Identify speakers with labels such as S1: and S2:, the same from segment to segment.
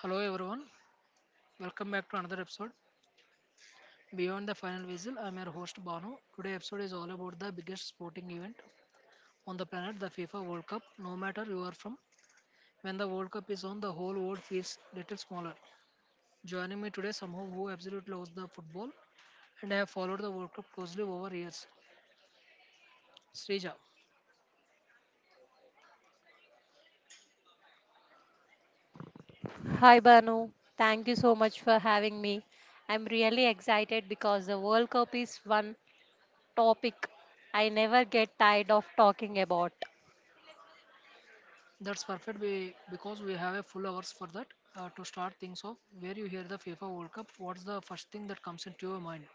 S1: Hello everyone, welcome back to another episode. Beyond the final whistle, I'm your host Bano. Today episode is all about the biggest sporting event on the planet, the FIFA World Cup. No matter you are from, when the World Cup is on, the whole world feels little smaller. Joining me today, someone who absolutely loves the football and have followed the World Cup closely over years, Srija.
S2: Hi Banu, thank you so much for having me. I'm really excited because the World Cup is one topic I never get tired of talking about.
S1: That's perfect because we have a full hours for that. To start things off, where you hear the FIFA World Cup, what's the first thing that comes into your mind?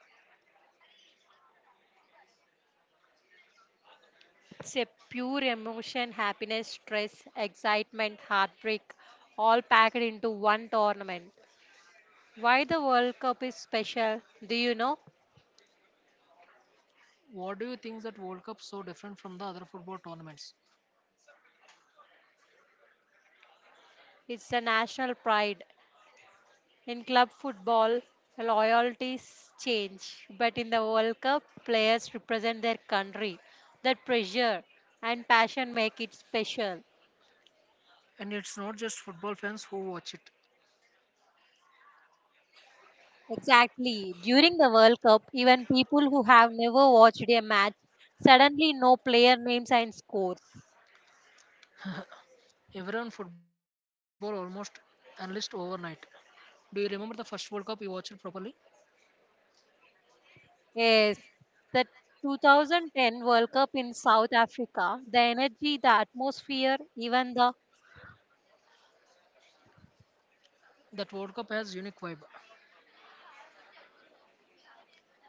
S2: It's a pure emotion, happiness, stress, excitement, heartbreak, all packed into one tournament. Why the World Cup is special, do you know?
S1: What do you think that World Cup so different from the other football tournaments?
S2: It's the national pride. In club football, loyalties change, but in the World Cup, players represent their country. That pressure and passion make it special.
S1: And it's not just football fans who watch it.
S2: Exactly. During the World Cup, even people who have never watched a match suddenly know player names and scores.
S1: Everyone football almost analyst overnight. Do you remember the first World Cup you watched properly?
S2: Yes, the 2010 World Cup in South Africa, the energy, the atmosphere, even the
S1: That World Cup has unique vibe.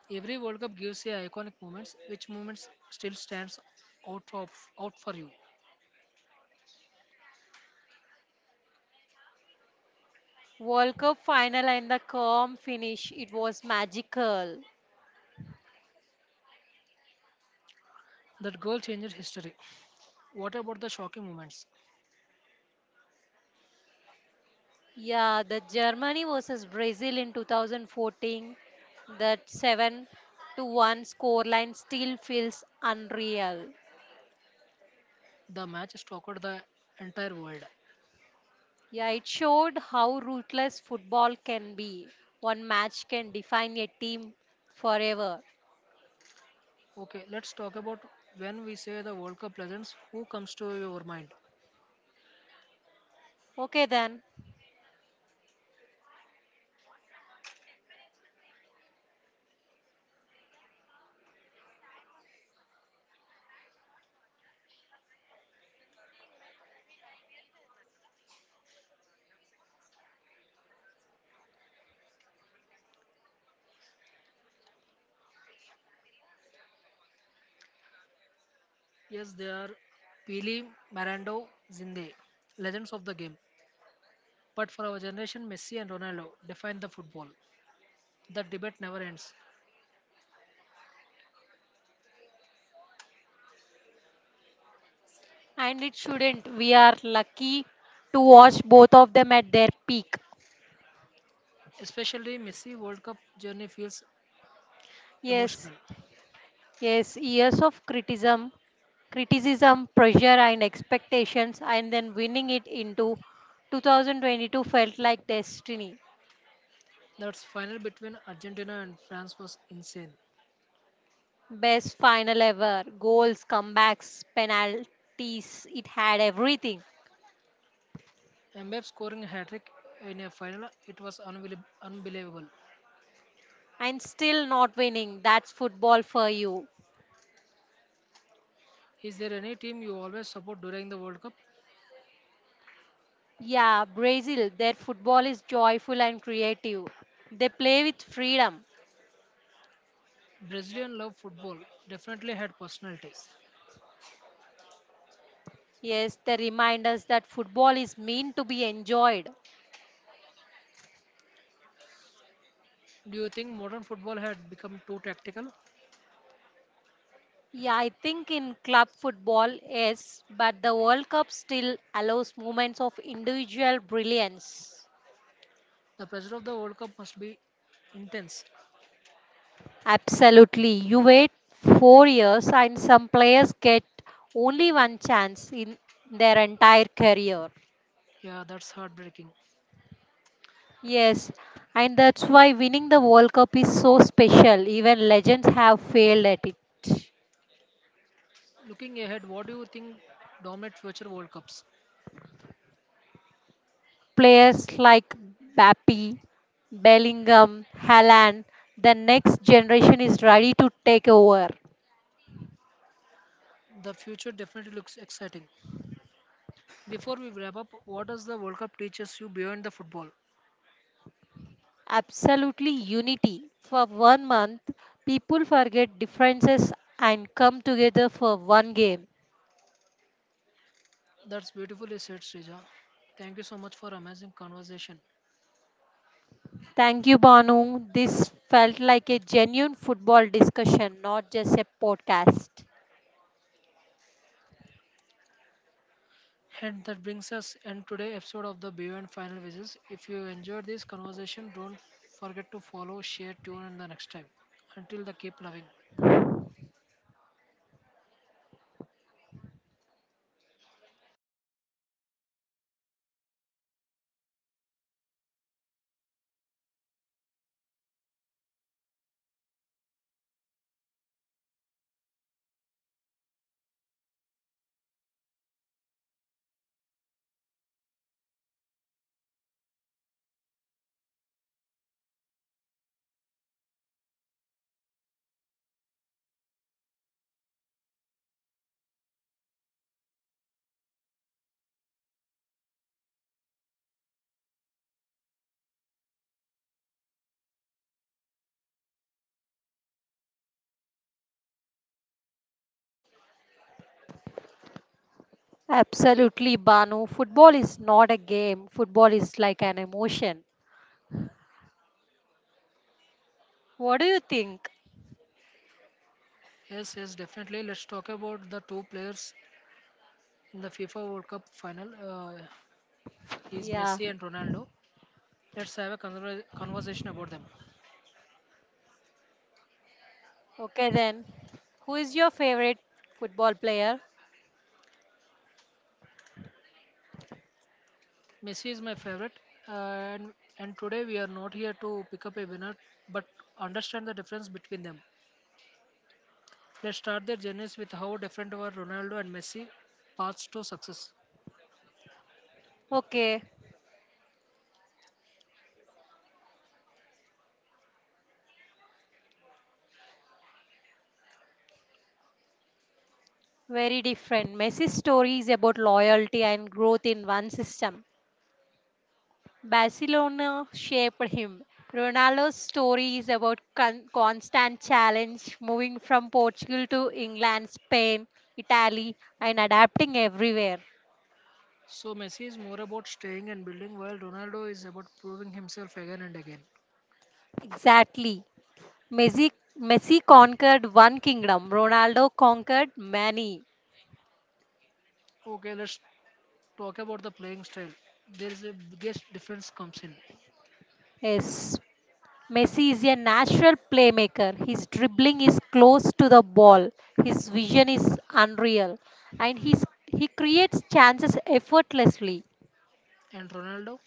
S1: Every World Cup gives you iconic moments. Which moments still stands out of out for you?
S2: World Cup final and the calm finish, it was magical.
S1: That goal changes history. What about the shocking moments?
S2: Yeah, the Germany versus Brazil in 2014, that 7-1 scoreline still feels unreal.
S1: The match shocked the entire world.
S2: Yeah, it showed how ruthless football can be. One match can define a team forever.
S1: Okay, let's talk about when we say the World Cup legends. Who comes to your mind?
S2: Okay, then.
S1: Yes, they are Pele, Marando, Zinde, legends of the game. But for our generation, Messi and Ronaldo define the football. The debate never ends.
S2: And it shouldn't. We are lucky to watch both of them at their peak.
S1: Especially Messi World Cup journey feels
S2: Yes,
S1: emotional.
S2: Yes, years of criticism, pressure, and expectations, and then winning it into 2022 felt like destiny.
S1: That final between Argentina and France was insane.
S2: Best final ever, goals, comebacks, penalties, it had everything.
S1: Mbappe scoring a hat-trick in a final, it was unbelievable.
S2: And still not winning, that's football for you.
S1: Is there any team you always support during the World Cup?
S2: Yeah, Brazil, their football is joyful and creative. They play with freedom.
S1: Brazilian love football definitely had personality.
S2: Yes, they remind us that football is meant to be enjoyed.
S1: Do you think modern football had become too tactical?
S2: Yeah, I think in club football, yes, but the World Cup still allows moments of individual brilliance.
S1: The pressure of the World Cup must be intense.
S2: Absolutely. You wait 4 years, and some players get only one chance in their entire career.
S1: Yeah, that's heartbreaking.
S2: Yes, and that's why winning the World Cup is so special. Even legends have failed at it.
S1: Looking ahead, what do you think dominate future World Cups?
S2: Players like Bappy, Bellingham, Haaland, the next generation is ready to take over.
S1: The future definitely looks exciting. Before we wrap up, what does the World Cup teaches you beyond the football?
S2: Absolutely unity. For 1 month, people forget differences and come together for one game.
S1: That's beautifully said, Srija. Thank you so much for amazing conversation.
S2: Thank you, Banu. This felt like a genuine football discussion, not just a podcast.
S1: And that brings us end today episode of the Beyond Final Visits. If you enjoyed this conversation, don't forget to follow, share, tune in the next time. Until the keep loving.
S2: Absolutely, Banu. Football is not a game, football is like an emotion. What do you think?
S1: Yes, yes, definitely. Let's talk about the two players in the FIFA World Cup final. Is
S2: Yeah.
S1: Messi and Ronaldo. Let's have a conversation about them.
S2: Okay, then. Who is your favorite football player?
S1: Messi is my favorite, and today we are not here to pick up a winner, but understand the difference between them. Let's start their journeys with how different were Ronaldo and Messi paths to success.
S2: Okay. Very different. Messi's story is about loyalty and growth in one system. Barcelona shaped him. Ronaldo's story is about constant challenge, moving from Portugal to England, Spain, Italy, and adapting everywhere.
S1: So Messi is more about staying and building, while Ronaldo is about proving himself again and again.
S2: Exactly. Messi, Messi conquered one kingdom, Ronaldo conquered many.
S1: Okay, let's talk about the playing style, there is a biggest difference comes in.
S2: Yes, Messi is a natural playmaker. His dribbling is close to the ball. His vision is unreal. He creates chances effortlessly.
S1: And Ronaldo,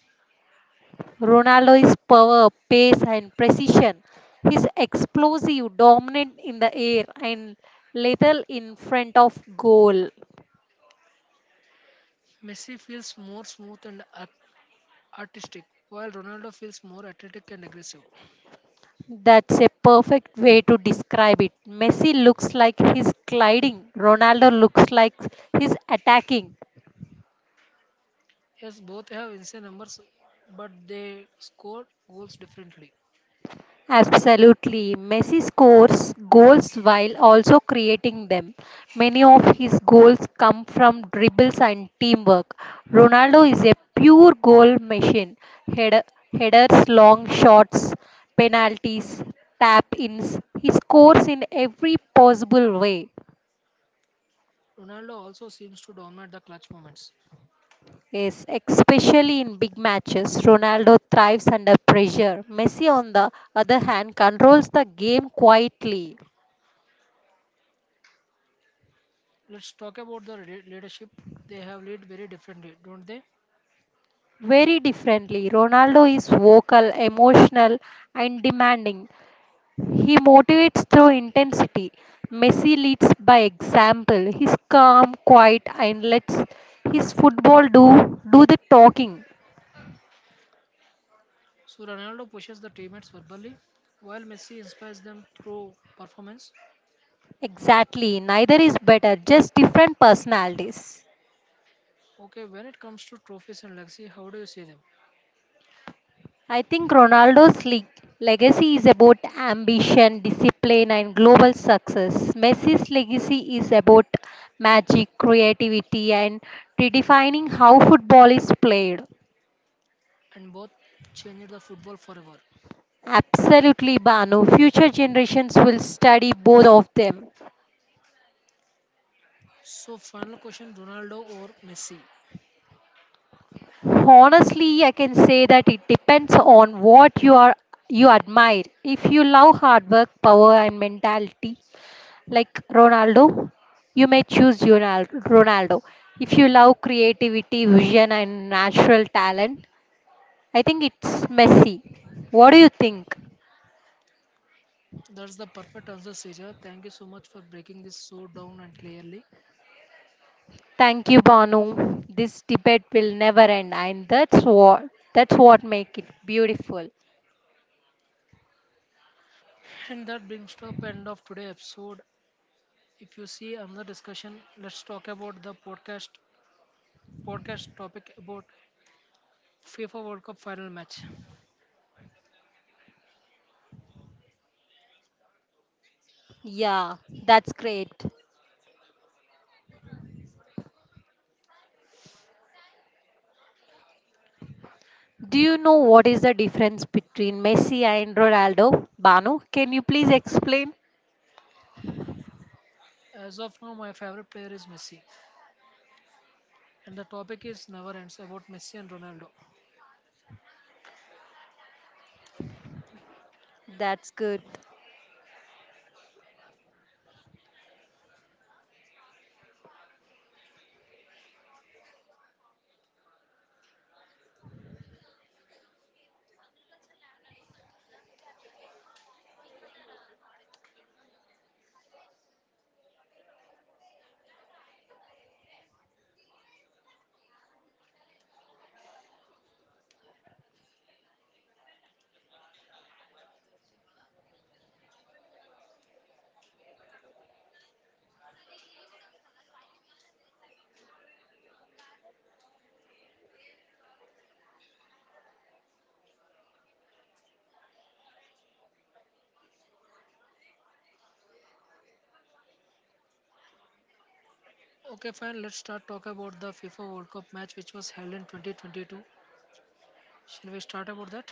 S2: Ronaldo is power, pace, and precision. He's explosive, dominant in the air, and lethal in front of goal.
S1: Messi feels more smooth and artistic, while Ronaldo feels more athletic and aggressive.
S2: That's a perfect way to describe it. Messi looks like he's gliding, Ronaldo looks like he's attacking.
S1: Yes, both have insane numbers, but they score goals differently.
S2: Absolutely. Messi scores goals while also creating them. Many of his goals come from dribbles and teamwork. Ronaldo is a pure goal machine. Head- Headers, long shots, penalties, tap ins. He scores in every possible way.
S1: Ronaldo also seems to dominate the clutch moments.
S2: Yes, especially in big matches, Ronaldo thrives under pressure. Messi, on the other hand, controls the game quietly.
S1: Let's talk about the leadership. They have lead very differently, don't they?
S2: Very differently. Ronaldo is vocal, emotional, and demanding. He motivates through intensity. Messi leads by example. He's calm, quiet, and lets his football do the talking.
S1: So Ronaldo pushes the teammates verbally, while Messi inspires them through performance.
S2: Exactly. Neither is better, just different personalities.
S1: Okay, when it comes to trophies and legacy, how do you see them?
S2: I think Ronaldo's legacy is about ambition, discipline, and global success. Messi's legacy is about magic, creativity, and redefining how football is played.
S1: And both change the football forever.
S2: Absolutely, Banu. Future generations will study both of them.
S1: So, final question Ronaldo or Messi?
S2: Honestly, I can say that it depends on what you admire. If you love hard work, power, and mentality, like Ronaldo, you may choose Ronaldo. If you love creativity, vision, and natural talent, I think it's Messi. What do you think?
S1: That's the perfect answer, Seja. Thank you so much for breaking this so down and clearly.
S2: Thank you, Banu. This debate will never end, and that's what make it beautiful.
S1: And that brings to up end of today's episode. If you see another discussion, let's talk about the podcast topic about FIFA World Cup final match.
S2: Yeah, that's great. Do you know what is the difference between Messi and Ronaldo? Banu, can you please explain?
S1: As of now, my favorite player is Messi, and the topic is never ends about Messi and Ronaldo.
S2: That's good.
S1: Okay, fine. Let's start talk about the FIFA World Cup match which was held in 2022. Shall we start about that?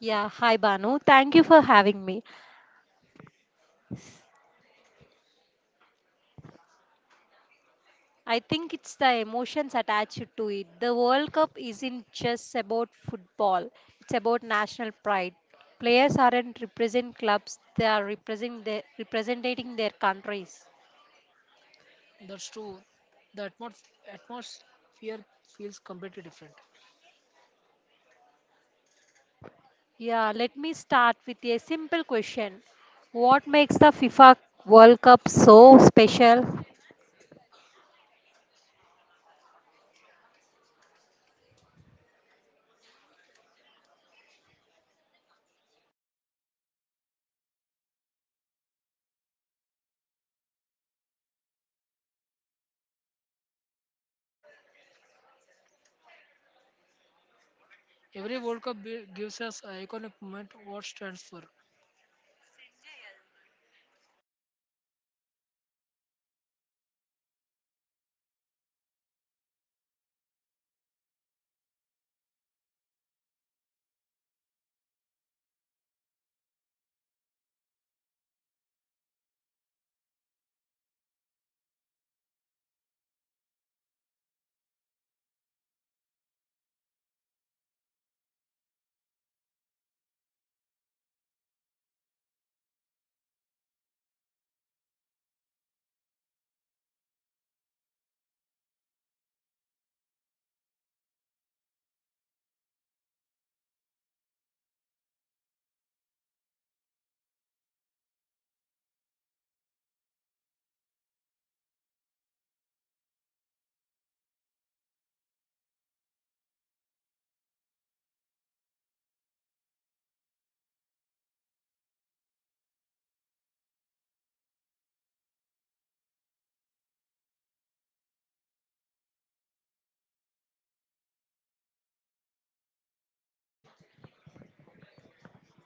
S2: Yeah, hi Banu. Thank you for having me. I think it's the emotions attached to it. The World Cup isn't just about football, it's about national pride. Players aren't represent clubs, they are represent their, representing their countries.
S1: That's true. The atmosphere feels completely different.
S2: Yeah, let me start with a simple question. What makes the FIFA World Cup so special?
S1: Every World Cup gives us an iconic moment. What stands for?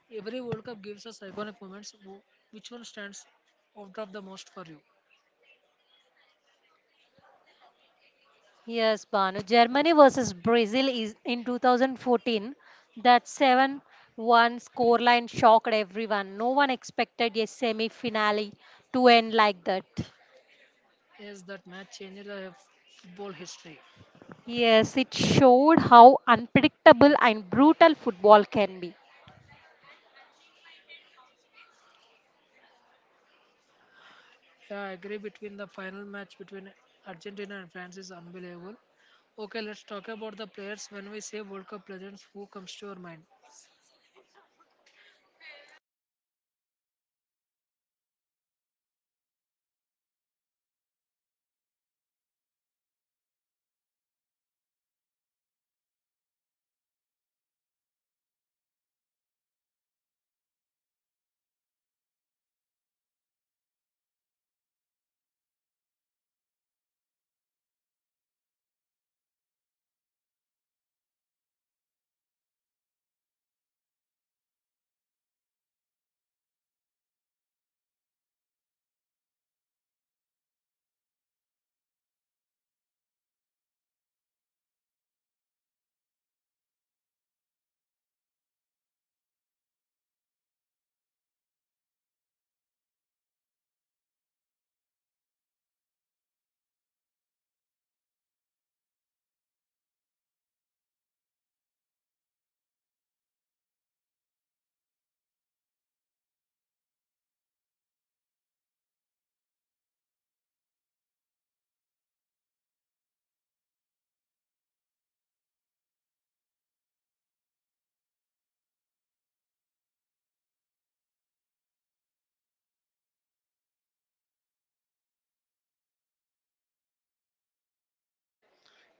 S1: Every World Cup gives us iconic moments. Which one stands out of the most for you?
S2: Yes, Banu. Germany versus Brazil is in 2014. That 7-1 scoreline shocked everyone. No one expected a semi-finale to end like that.
S1: Yes, that match changed the football history.
S2: Yes, it showed how unpredictable and brutal football can be.
S1: Yeah, I agree. Between the final match between Argentina and France is unbelievable. Okay, let's talk about the players. When we say World Cup legends, who comes to your mind?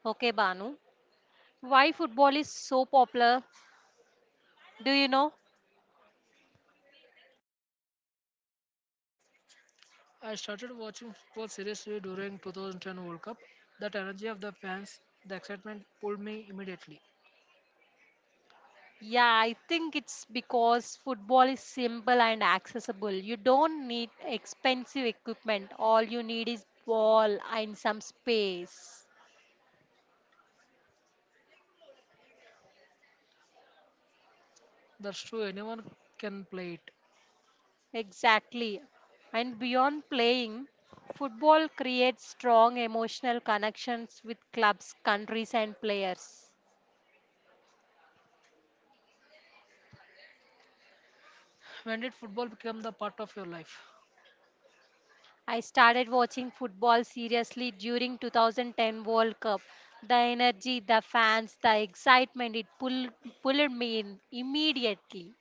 S2: Okay, Banu. Why football is so popular? Do you know?
S1: I started watching football seriously during 2010 World Cup. That energy of the fans, the excitement pulled me immediately.
S2: Yeah, I think it's because football is simple and accessible. You don't need expensive equipment. All you need is ball and some space.
S1: That's true. Anyone can play it.
S2: Exactly. And beyond playing, football creates strong emotional connections with clubs, countries and players.
S1: When did football become the part of your life?
S2: I started watching football seriously during 2010 World Cup. The energy, the fans, the excitement, pulled me in immediately.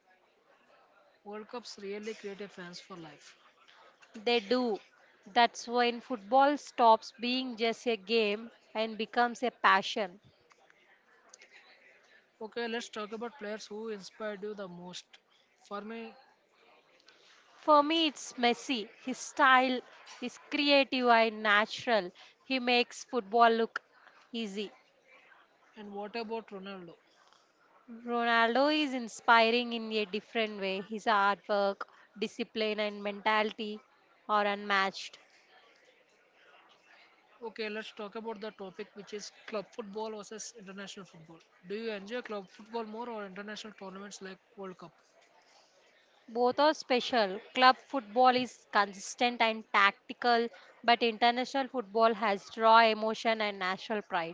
S1: World Cups really create a fans for life.
S2: They do. That's when football stops being just a game and becomes a passion.
S1: Okay, let's talk about players who inspired you the most. For me,
S2: For me, it's Messi. His style is creative and natural. He makes football look easy.
S1: and what about Ronaldo?
S2: Ronaldo is inspiring in a different way. His hard work, discipline, and mentality are unmatched.
S1: Okay, let's talk about the topic which is club football versus international football. Do you enjoy club football more or international tournaments like World Cup?
S2: Both are special. Club football is consistent and tactical, but international football has raw emotion and national pride.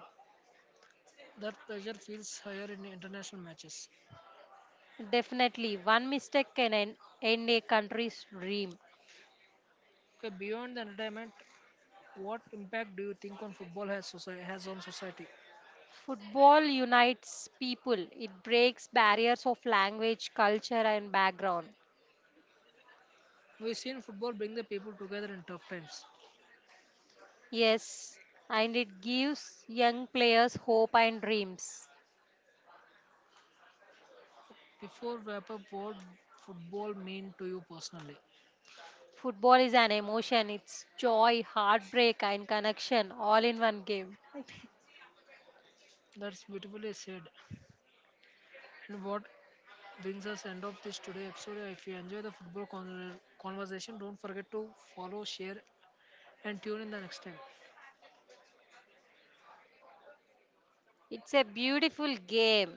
S1: That pressure feels higher in international matches.
S2: Definitely, one mistake can end, end a country's dream.
S1: Okay, beyond the entertainment, what impact do you think on football has society has on society?
S2: Football unites people, it breaks barriers of language, culture, and background.
S1: We've seen football bring the people together in tough times.
S2: Yes, and it gives young players hope and dreams.
S1: Before wrap up, what football mean to you personally?
S2: Football is an emotion, it's joy, heartbreak, and connection all in one game.
S1: That's beautifully said. And what brings us end of this today episode. If you enjoy the football conversation, don't forget to follow, share, and tune in the next time.
S2: It's a beautiful game.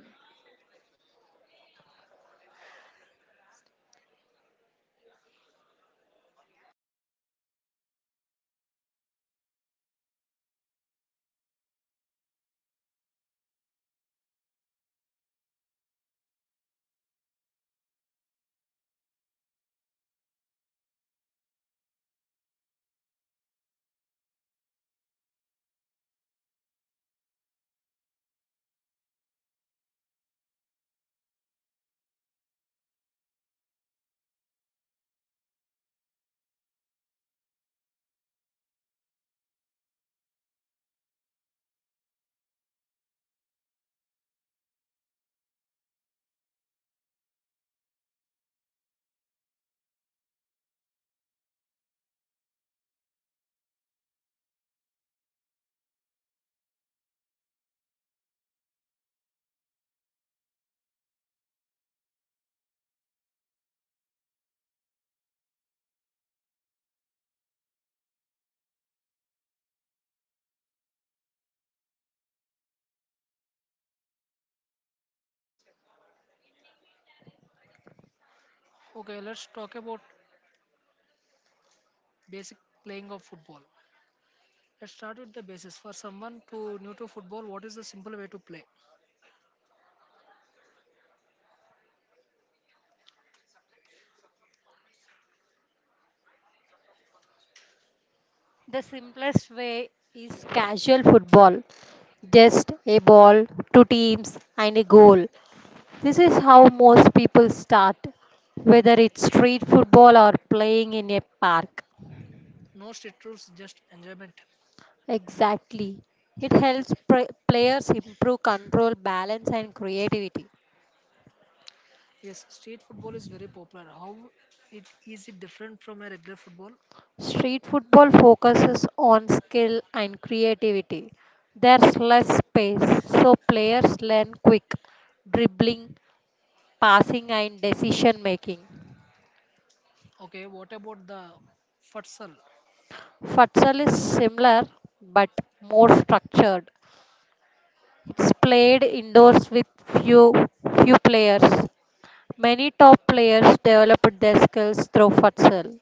S1: Okay, let's talk about basic playing of football. Let's start with the basis. For someone to new to football, what is the simple way to play?
S2: The simplest way is casual football just a ball, two teams, and a goal. This is how most people start, whether it's street football or playing in a park.
S1: No strict rules, just enjoyment.
S2: Exactly. It helps players improve control, balance, and creativity.
S1: Yes, street football is very popular. How it different from a regular football?
S2: Street football focuses on skill and creativity. There's less space, so players learn quick dribbling, passing, and decision making.
S1: Okay, what about the futsal?
S2: Futsal is similar but more structured. It's played indoors with few few players. Many top players developed their skills through futsal.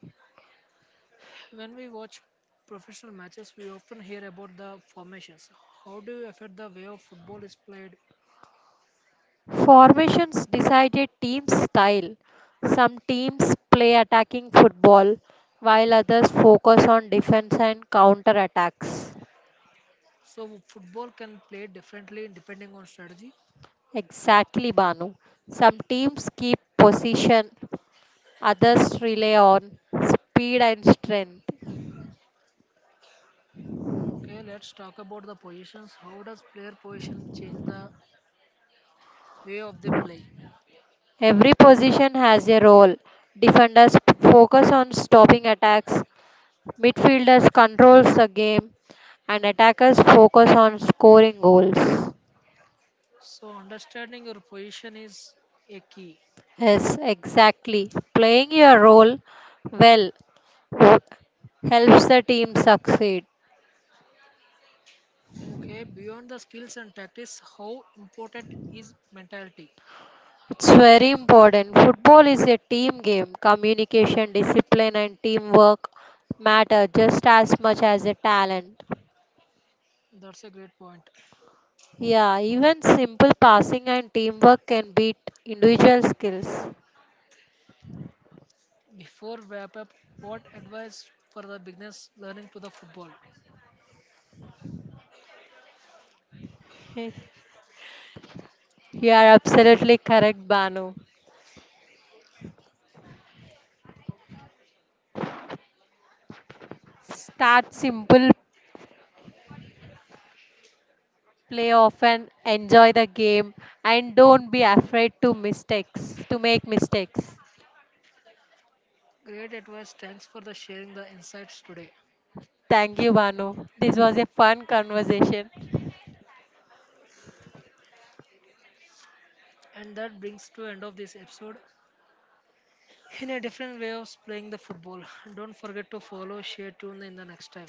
S1: When we watch professional matches, we often hear about the formations. How do you affect the way of football is played?
S2: Formations decided team style. Some teams play attacking football while others focus on defense and counter attacks.
S1: So football can play differently depending on strategy.
S2: Exactly, Banu. Some teams keep position, others rely on speed and strength.
S1: Okay, let's talk about the positions. How does player position change the way of the play?
S2: Every position has a role. Defenders focus on stopping attacks, midfielders controls the game, and attackers focus on scoring goals.
S1: So understanding your position is a key.
S2: Yes, exactly. Playing your role well wo- helps the team succeed.
S1: Okay, beyond the skills and tactics, how important is mentality?
S2: It's very important. Football is a team game. Communication, discipline, and teamwork matter just as much as a talent.
S1: That's a great point.
S2: Yeah, even simple passing and teamwork can beat individual skills.
S1: Before wrap up, what advice for the beginners learning to the football?
S2: You are absolutely correct, Banu. Start simple, play often, enjoy the game, and don't be afraid to make mistakes.
S1: Great advice. Thanks for the sharing the insights today.
S2: Thank you, Banu. This was a fun conversation.
S1: And that brings to end of this episode in a different way of playing the football. Don't forget to follow, share, tune in the next time.